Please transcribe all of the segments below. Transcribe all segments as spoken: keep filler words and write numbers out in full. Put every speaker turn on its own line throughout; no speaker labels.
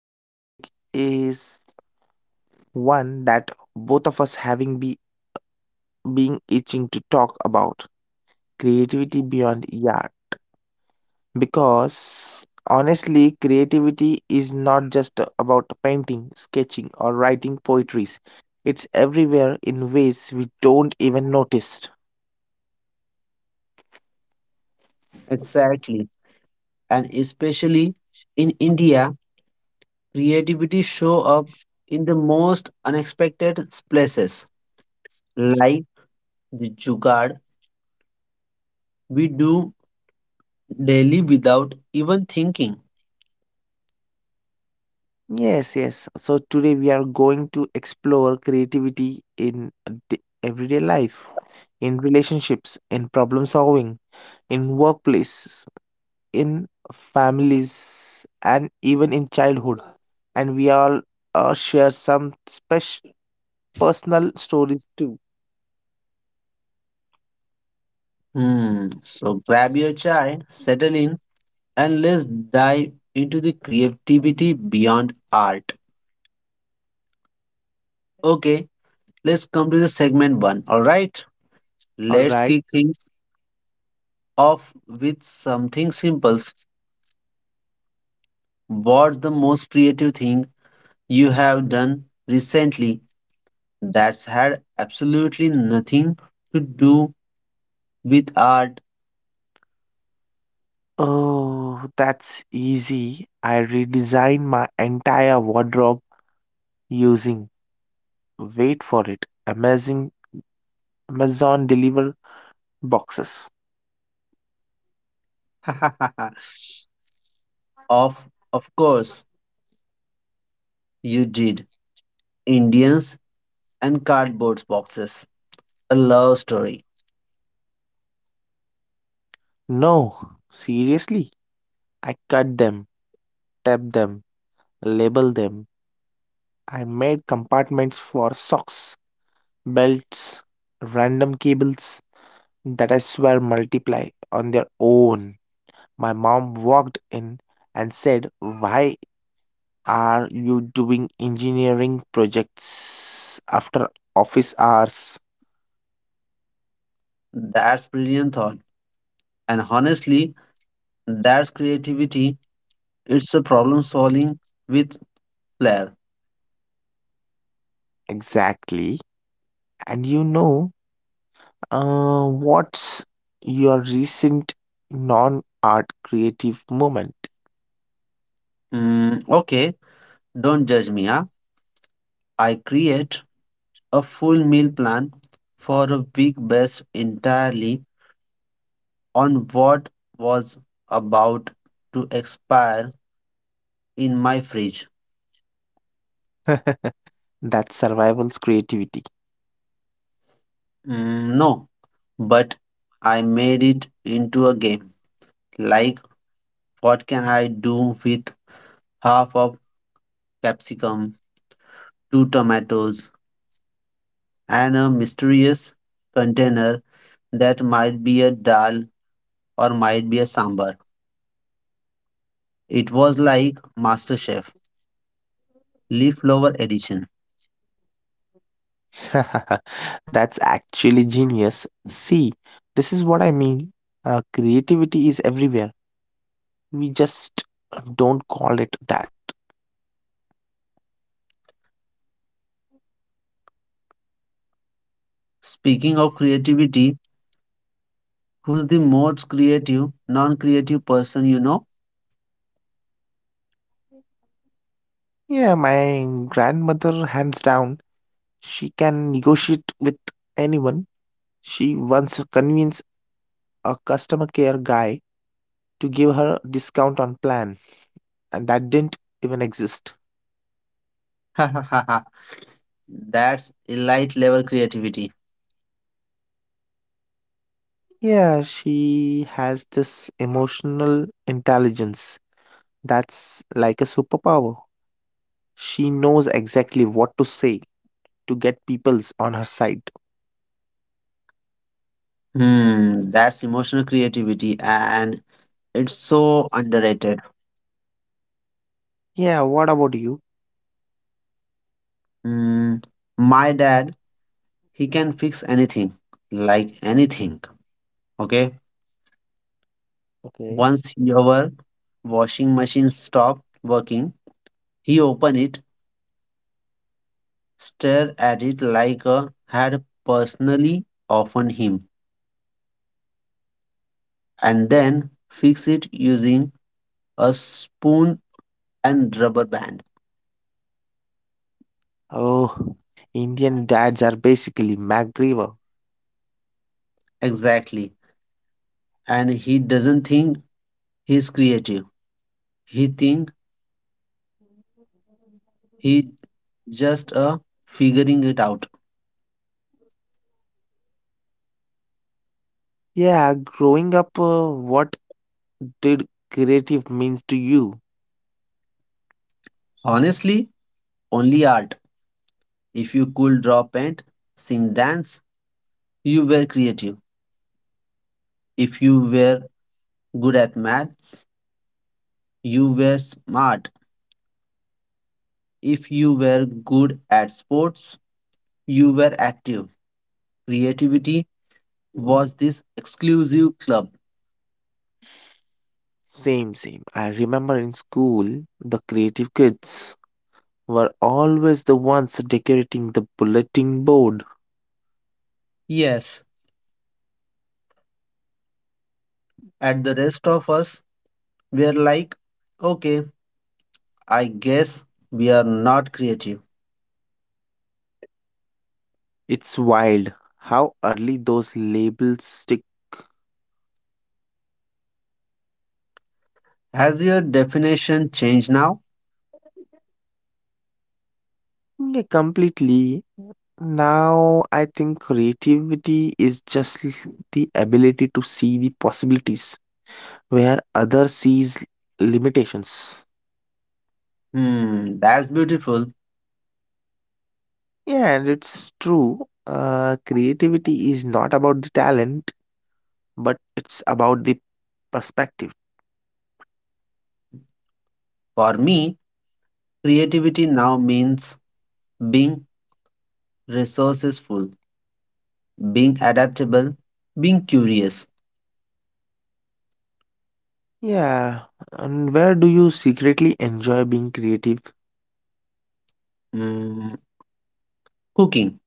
today's topic is one that both of us having be being itching to talk about creativity beyond art, because honestly creativity is not just about painting, sketching or writing poetries. It's everywhere in ways we don't even notice.
Exactly, and especially in India, creativity show up in the most unexpected places, like the jugaad we do daily without even thinking.
Yes, yes. So today we are going to explore creativity in a d- everyday life, in relationships, in problem solving, in workplaces, in families, and even in childhood. And we all uh, share some special personal stories too.
Hmm. So grab your chai, settle in, and let's dive into the creativity beyond art. Okay, let's come to the segment one. All right,
All
let's
right.
kick things off with something simple. What's the most creative thing you have done recently that's had absolutely nothing to do with art?
Oh, that's easy. I redesigned my entire wardrobe using, wait for it, amazing Amazon deliver boxes.
of of course you did. Indians and cardboard boxes. A love story.
No, seriously, I cut them, tape them, label them. I made compartments for socks, belts, random cables that I swear multiply on their own. My mom walked in and said, "Why are you doing engineering projects after office hours?"
That's brilliant thought. And honestly, that's creativity. It's a problem solving with flair.
Exactly. And you know, uh, what's your recent non art creative moment?
Mm, okay, don't judge me, huh? I create a full meal plan for a week based entirely on what was about to expire in my fridge.
That's survival's creativity.
Mm, no, but I made it into a game. Like, what can I do with half of capsicum, two tomatoes, and a mysterious container that might be a dal or might be a sambar. It was like MasterChef, Leaflower Edition.
That's actually genius. See, this is what I mean. Uh, creativity is everywhere. We just don't call it that.
Speaking of creativity, who's the most creative, non creative person you know?
Yeah, my grandmother, hands down, she can negotiate with anyone. She once convinced a customer care guy to give her a discount on plan, and that didn't even exist.
Ha ha ha ha. That's elite level creativity.
Yeah, she has this emotional intelligence. That's like a superpower. She knows exactly what to say to get people's on her side.
Hmm, that's emotional creativity and it's so underrated.
Yeah, what about you?
Hmm. My dad he can fix anything like anything okay
Okay.
once your washing machine stopped working he opened it stared at it like a had personally often him and then fix it using a spoon and rubber band
Oh, Indian dads are basically MacGyver.
exactly and he doesn't think he's creative he think he just a figuring it out
Yeah, growing up, uh, what did creative means to you?
honestly only art if you could draw paint sing dance. You were creative. If you were good at maths, you were smart. If you were good at sports, you were active. Creativity was this exclusive club.
Same, same. I remember in school, the creative kids were always the ones decorating the bulletin board.
Yes, and the rest of us were like, okay, I guess we are not creative.
It's wild how early those labels stick.
Has your definition changed now?
Yeah, completely. Now I think creativity is just l- the ability to see the possibilities where others sees limitations.
Hmm, that's beautiful.
Yeah, and it's true. Uh, creativity is not about the talent, but it's about the perspective.
For me, creativity now means being resourceful being adaptable, being curious.
Yeah, and where do you secretly enjoy being creative?
Mm, Cooking.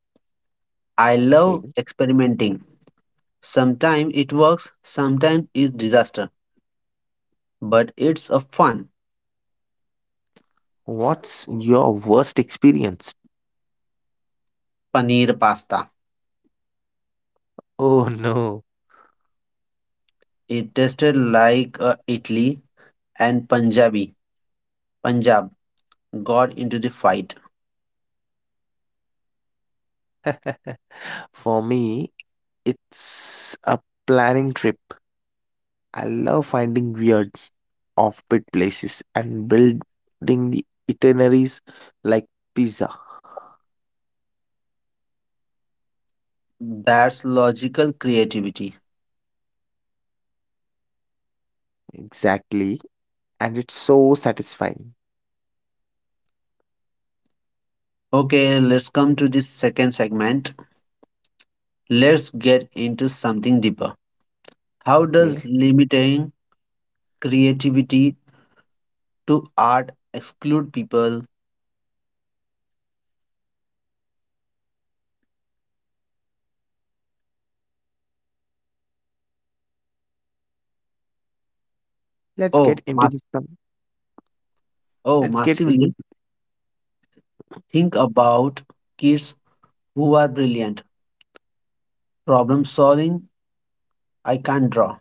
I
Okay,
love experimenting. Sometimes it works, sometimes it's disaster, but it's a fun.
what's your worst experience?
Paneer pasta.
Oh no.
It tasted like uh, Italy and Punjabi. Punjab got into the fight.
For me, it's a planning trip. I love finding weird, offbeat places and building the itineraries like pizza.
That's logical creativity.
Exactly, and it's so satisfying.
Okay, let's come to this second segment. Let's get into something deeper. How
Okay,
does limiting creativity to art exclude people.
let's get
Oh,
into
mass-
this. some-
oh,
Let's get into
massively
th-
think about kids who are brilliant, problem solving. I can't draw.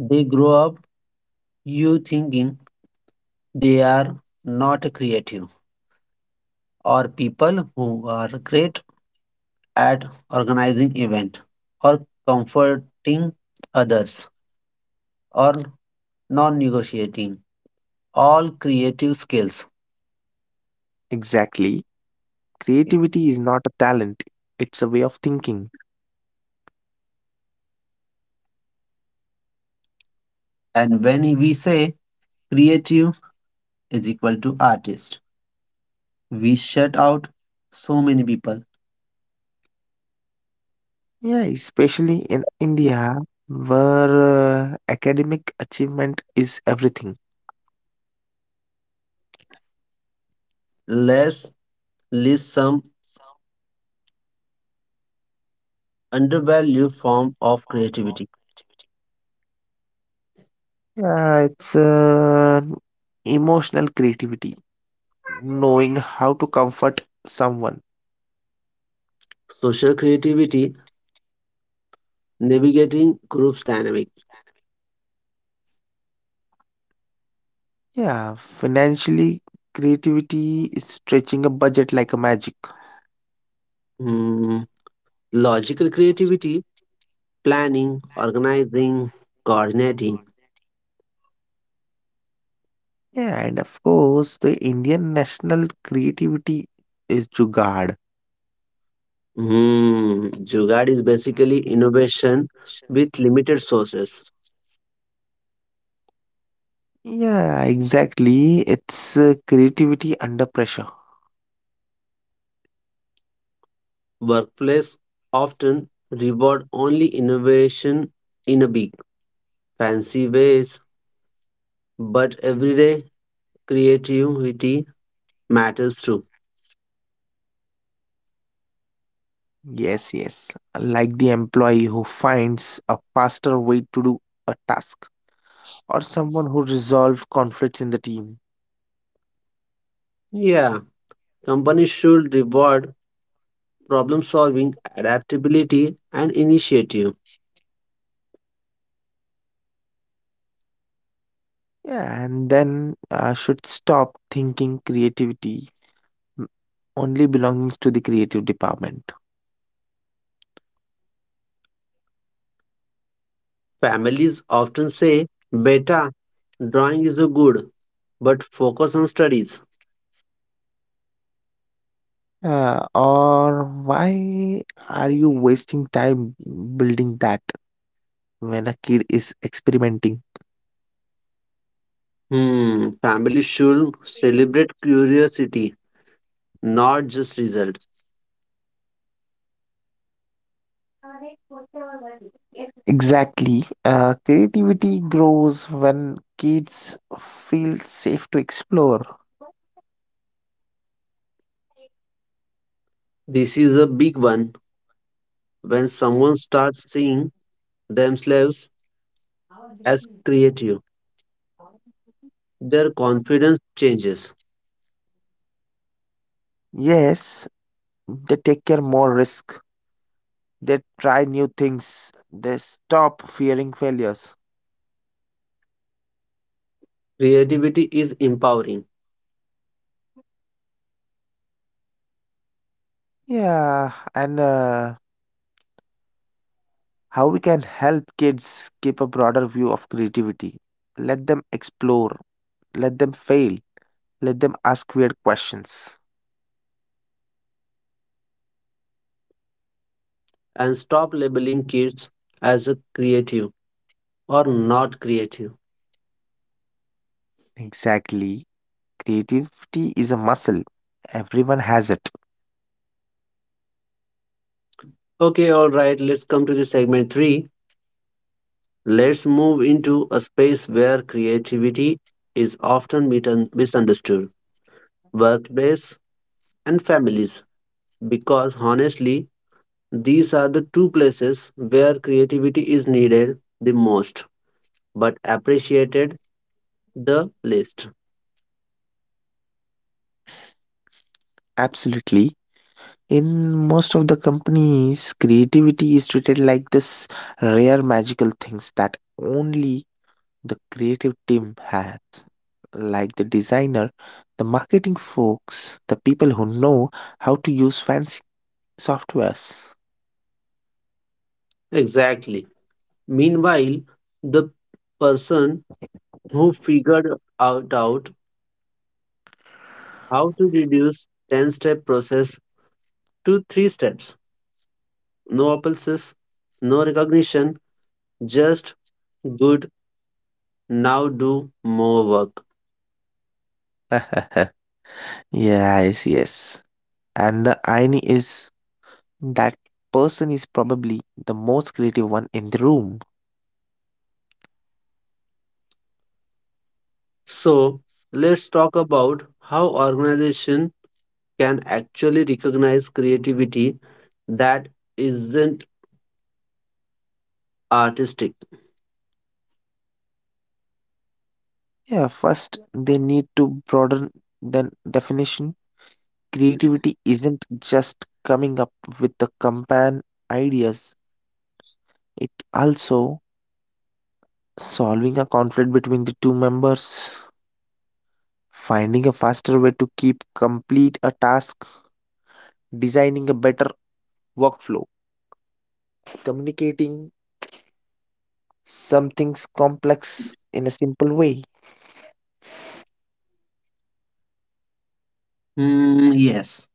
They grow up you thinking they are not creative, or people who are great at organizing event, or comforting others, or non-negotiating. All creative skills.
exactly.
Yeah.
Creativity is not a talent; it's a way of thinking.
And when we say creative is equal to artist. We shut out so many people.
Yeah, especially in India, where uh, academic achievement is everything.
Let's list some undervalued form of creativity.
Yeah, it's uh, emotional creativity, knowing how to comfort someone.
Social creativity, navigating groups dynamic.
Yeah, financially, creativity is stretching a budget like a magic.
Hmm, logical creativity, planning, organizing, coordinating.
Yeah, and of course, the Indian national creativity is Jugaad.
Hmm, Jugaad is basically innovation with limited sources.
Yeah, exactly. It's uh, creativity under pressure.
Workplace often reward only innovation in a big fancy ways, but everyday creativity matters too.
Yes, yes. Like the employee who finds a faster way to do a task, or someone who resolves conflicts in the team.
Yeah, companies should reward problem solving, adaptability, and initiative.
Yeah, and then uh, should stop thinking creativity m- only belongs to the creative department.
Families often say, Beta, drawing is a good, but focus on studies.
Uh, or why are you wasting time building that when a kid is experimenting?
Hmm, families should celebrate curiosity, not just result.
Exactly. Uh, creativity grows when kids feel safe to explore.
This is a big one. When someone starts seeing themselves as creative, their confidence changes.
Yes, they take care more risk. They try new things. They stop fearing failures.
Creativity is empowering.
Yeah, and uh, how we can help kids keep a broader view of creativity. Let them explore. Let them fail. Let them ask weird questions.
And stop labeling kids as a creative or not creative.
Exactly. Creativity is a muscle. Everyone has it.
Okay, all right, let's come to the segment three. Let's move into a space where creativity is often mit- misunderstood workplace and families, because honestly, these are the two places where creativity is needed the most but appreciated the least.
Absolutely. In most of the companies, creativity is treated like this rare magical things that only the creative team has, like the designer, the marketing folks, the people who know how to use fancy softwares.
Exactly. Meanwhile, the person who figured out, out how to reduce ten step process to three steps. No appulses, no recognition, just good, now do more work.
Yes, yes. And the irony is that person is probably the most creative one in the room.
So, let's talk about how organization can actually recognize creativity that isn't artistic.
Yeah, first they need to broaden the definition. Creativity isn't just coming up with the campaign ideas, it also solving a conflict between the two members. Finding a faster way to keep complete a task, designing a better workflow, communicating something's complex in a simple way.
Hmm, yes.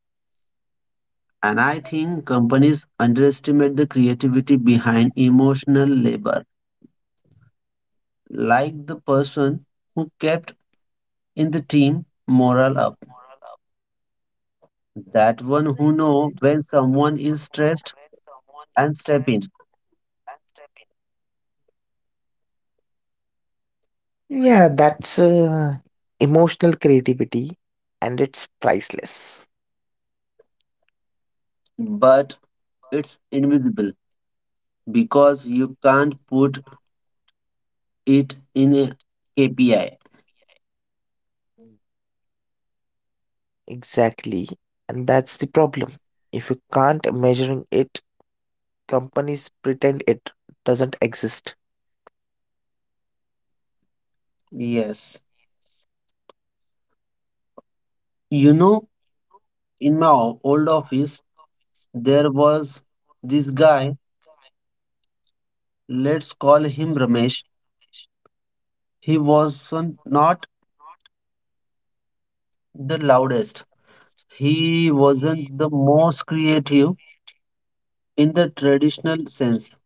And I think companies underestimate the creativity behind emotional labor, like the person who kept in the team morale up that one who know when someone is stressed and step in
Yeah, that's uh, emotional creativity, and it's priceless.
but it's invisible because you can't put it in a kpi.
Exactly. And that's the problem. If you can't measuring it, companies pretend it doesn't exist.
Yes. You know in my o- old office there was this guy let's call him Ramesh he was so not the loudest he wasn't the most creative in the traditional sense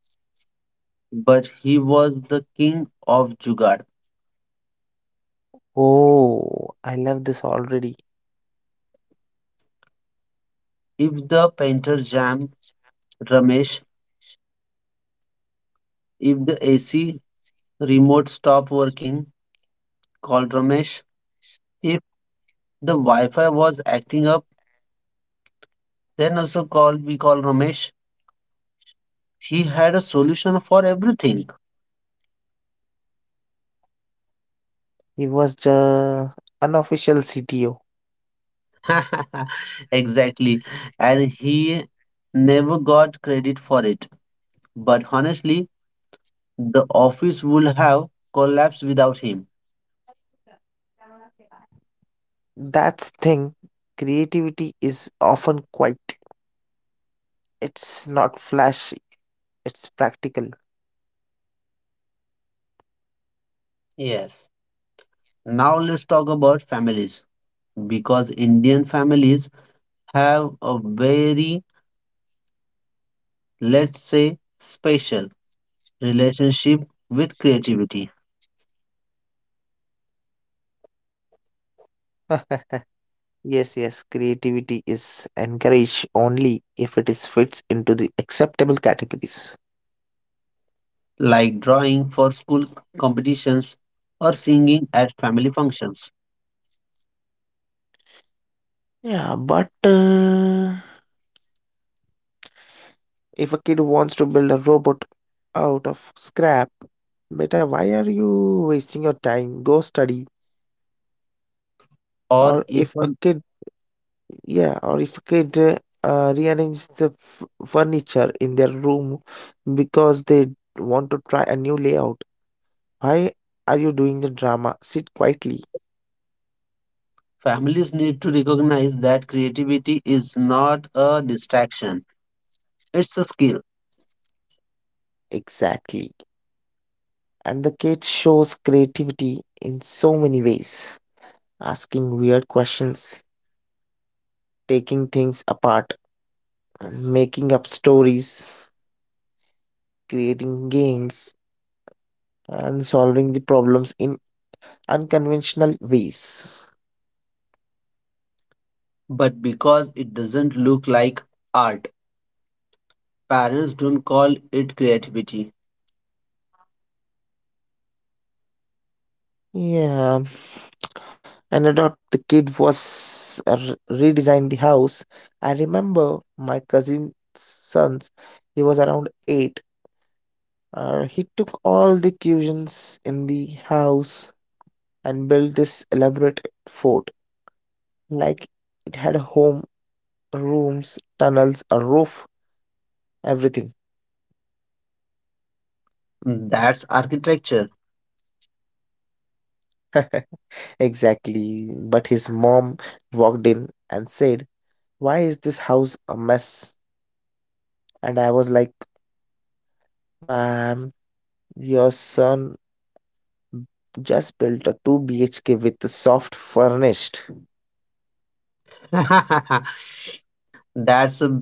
but he was the king of jugaad.
Oh, I love this already.
If the painter jam, Ramesh. If the A C remote stop working, call Ramesh. If the Wi-Fi was acting up, then also call we call Ramesh. He had a solution for everything.
He was the unofficial C T O.
Exactly. And he never got credit for it. But honestly, the office would have collapsed without him.
That's thing. Creativity is often quiet. It's not flashy. It's practical.
Yes. Now let's talk about families because Indian families have a very let's say, special relationship with creativity,
Yes, yes, creativity is encouraged only if it is fits into the acceptable categories.
like drawing for school competitions or singing at family functions.
Yeah, but uh, if a kid wants to build a robot out of scrap, beta, why are you wasting your time? Go study. Or
Or
if a
even
kid, yeah, or if a kid uh, uh, rearranges the f- furniture in their room because they want to try a new layout, why are you doing the drama? Sit quietly.
families need to recognize that creativity is not a distraction, it's a skill.
Exactly. And the kid shows creativity in so many ways, asking weird questions, taking things apart, making up stories, creating games, and solving the problems in unconventional ways.
But because it doesn't look like art, parents don't call it creativity.
Yeah, and adult the kid was uh, re- redesigned the house. I remember my cousin's sons. He was around eight. Uh, he took all the cushions in the house and built this elaborate fort. Like it had a home, rooms, tunnels, a roof, everything.
That's architecture.
Exactly. But his mom walked in and said, "Why is this house a mess?" And I was like, "Ma'am, your son just built a two B H K with the soft furnished."
that's a,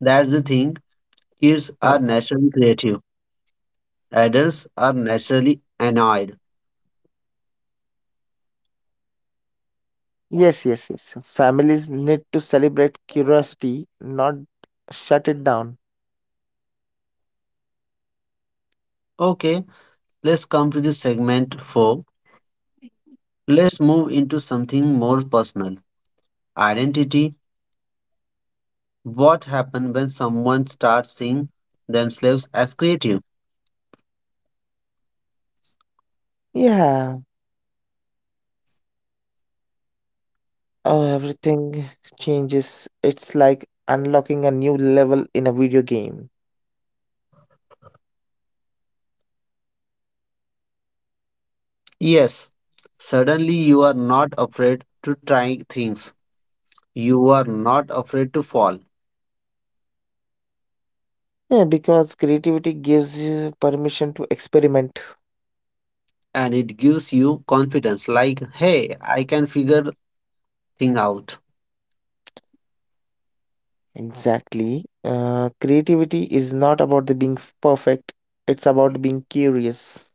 that's the thing. Kids
Huh.
are naturally creative. Adults are naturally annoyed.
Yes, yes, yes. Families need to celebrate curiosity, not shut it down.
Okay, let's come to the segment four. Let's move into something more personal. Identity. What happens when someone starts seeing themselves as creative?
Yeah, oh, everything changes. It's like unlocking a new level in a video game.
Yes, suddenly you are not afraid to try things. You are not afraid to fall.
Yeah, because creativity gives you permission to experiment.
And it gives you confidence like, hey, I can figure thing out.
Exactly. Uh, creativity is not about the being f- perfect, it's about being curious.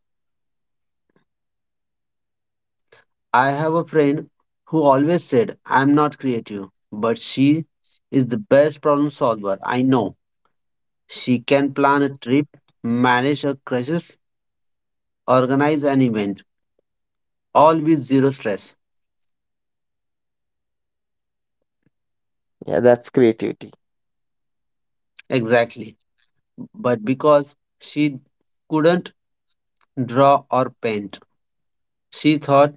I have a friend who always said, I'm not creative, but she is the best problem solver I know. She can plan a trip, manage a crisis, organize an event, all with zero stress.
Yeah, that's creativity.
Exactly. But because she couldn't draw or paint, she thought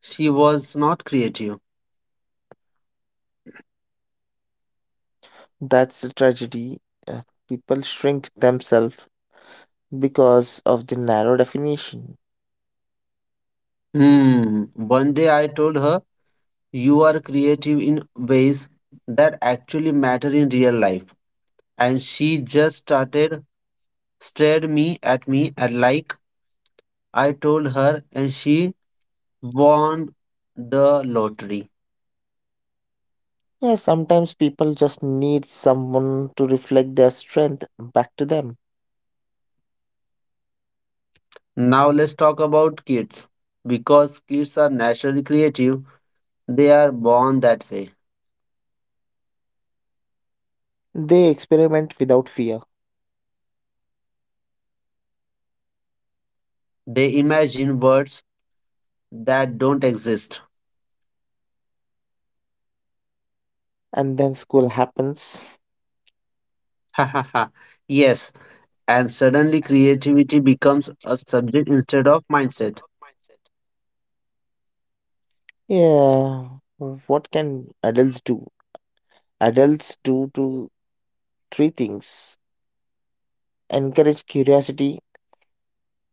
she was not creative.
That's the tragedy. Uh, people shrink themselves because of the narrow definition.
Hmm. One day I told her, You are creative in ways that actually matter in real life. And she just started stared me at me and like I told her and she won the lottery.
Yeah, sometimes people just need someone to reflect their strength back to them.
Now let's talk about kids because kids are naturally creative. They are born that way.
They experiment without fear,
They imagine words that don't exist.
and then school happens.
Yes, and suddenly creativity becomes a subject instead of mindset.
Yeah, what can adults do? Adults do two, three things: encourage curiosity,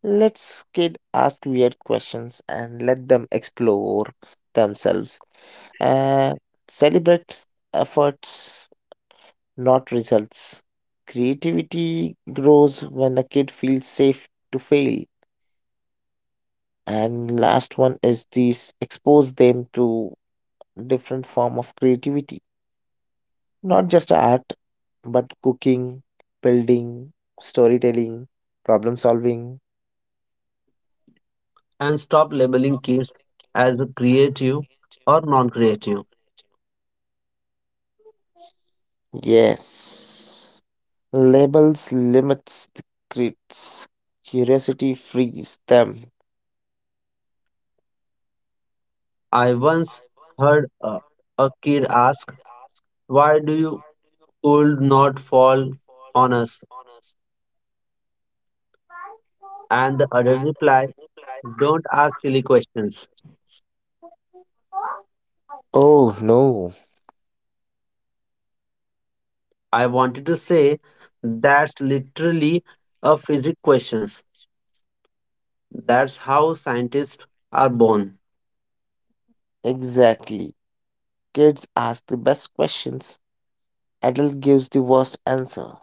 let's kid ask weird questions and let them explore themselves, uh, celebrate efforts, not results. Creativity grows when a kid feels safe to fail. And last one is these expose them to different form of creativity. Not just art, but cooking, building, storytelling, problem solving.
And stop labeling kids as creative or non-creative.
Yes. Labels limits the crits. Curiosity frees them.
I once heard a, a kid ask, Why do you could not fall on us? And the adult reply, Don't ask silly questions.
Oh no.
I wanted to say, That's literally a physics questions. That's how scientists are born.
Exactly. Kids ask the best questions, adult gives the worst answer.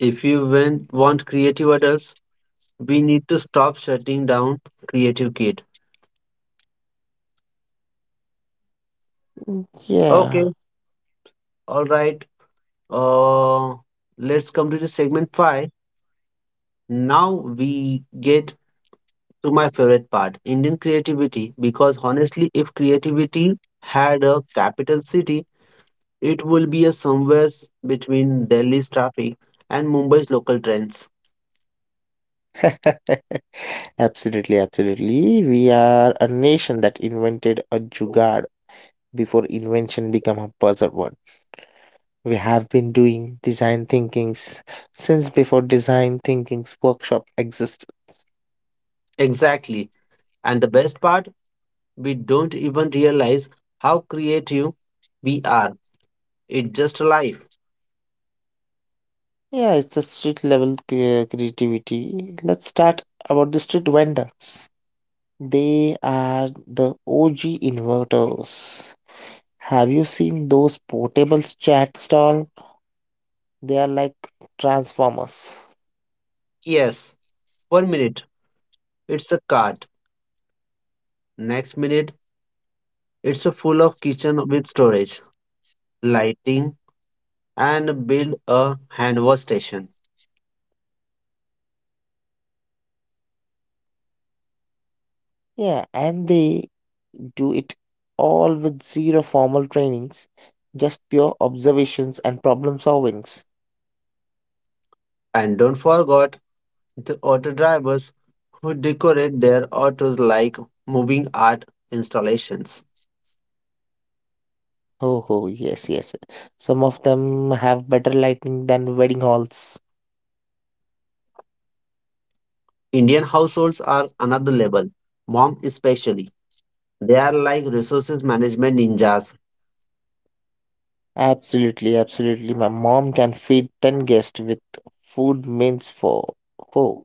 If you wen- want creative adults, we need to stop shutting down creative kid.
Yeah.
Okay, all right. Uh, let's come to the segment five. Now we get to my favorite part Indian creativity because honestly, if creativity had a capital city, it will be a somewhere s- between Delhi's traffic and Mumbai's local trends.
Absolutely, absolutely. We are a nation that invented a jugaad before invention became a buzzword. We have been doing design thinkings since before design thinkings workshop existed.
Exactly. And the best part, we don't even realize how creative we are. It's just life.
Yeah, it's a street level crea- creativity. Let's start about the street vendors. They are the O G inverters. Have you seen those portable chat stall? They are like transformers.
Yes, one minute it's a cart, next minute it's a full of kitchen with storage, lighting, and build a hand wash station.
Yeah, and they do it all with zero formal trainings, just pure observations and problem solvings.
And don't forget the auto drivers who decorate their autos like moving art installations.
Oh, oh, yes, yes. Some of them have better lighting than wedding halls.
Indian households are another level, mom especially. They are like resources management ninjas.
Absolutely, absolutely. My mom can feed ten guests with food means for four.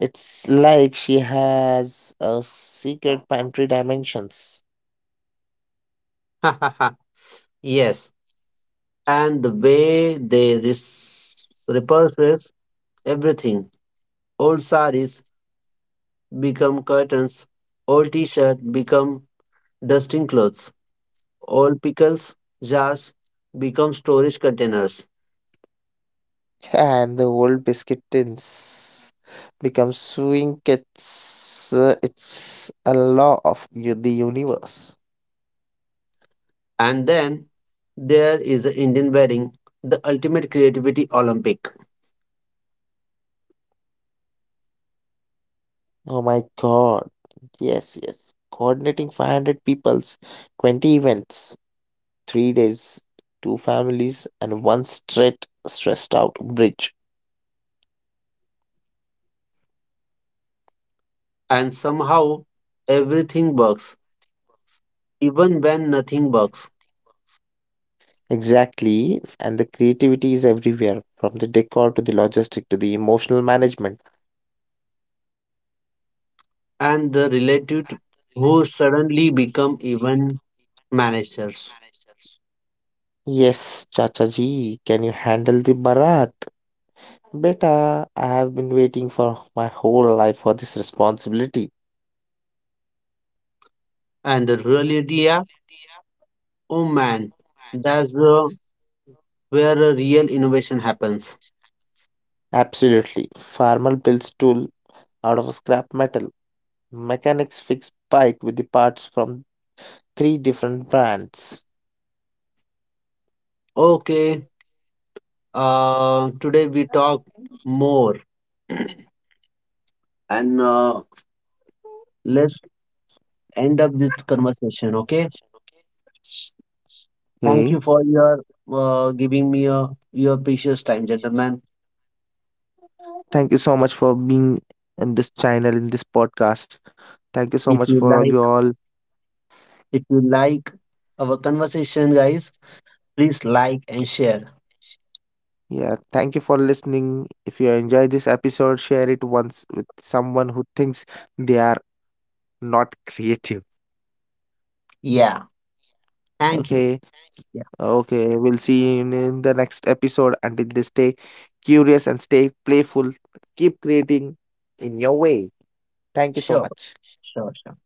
It's like she has a secret pantry dimensions.
Yes, and the way they res- repurpose everything. Old saris become curtains, old t-shirt become dusting clothes, old pickles jars become storage containers.
And the old biscuit tins become swing kits. Uh, It's a law of u- the universe.
And then there is the Indian wedding, the ultimate creativity Olympic.
Oh my God. Yes, yes. Coordinating five hundred people's, twenty events, three days, two families, and one straight, stressed out bridge.
And somehow everything works, even when nothing works.
Exactly. And the creativity is everywhere, from the decor to the logistic to the emotional management.
And the relative who suddenly become
Suddenly
event
become event
managers.
managers. Yes, Chacha ji, can you handle the barat? Beta, I have been waiting for my whole life for this responsibility.
And the real
And
idea,
the reality app,
oh man,
oh man, that's
that's
the,
uh,
that's the real
where a real innovation
innovation
happens.
angle. Absolutely. Farmer builds tool out of scrap metal. Mechanics fix bike with the parts from three different brands.
Okay, uh, today we talk more and uh, let's end up this conversation, okay? Thank you for your uh, giving me your your precious time, gentlemen.
Thank you so much for being in this channel, in this podcast. Thank you so much
If you
for all you
like,
all.
if you like our conversation, guys, please like and share.
Yeah, thank you for listening. If you enjoy this episode, share it once with someone who thinks they are not creative.
Yeah, thank you.
Okay,
Yeah,
okay. We'll see you in in the next episode. Until this, stay curious and stay playful. Keep creating in your way. Thank you so
sure,
much.
sure, sure.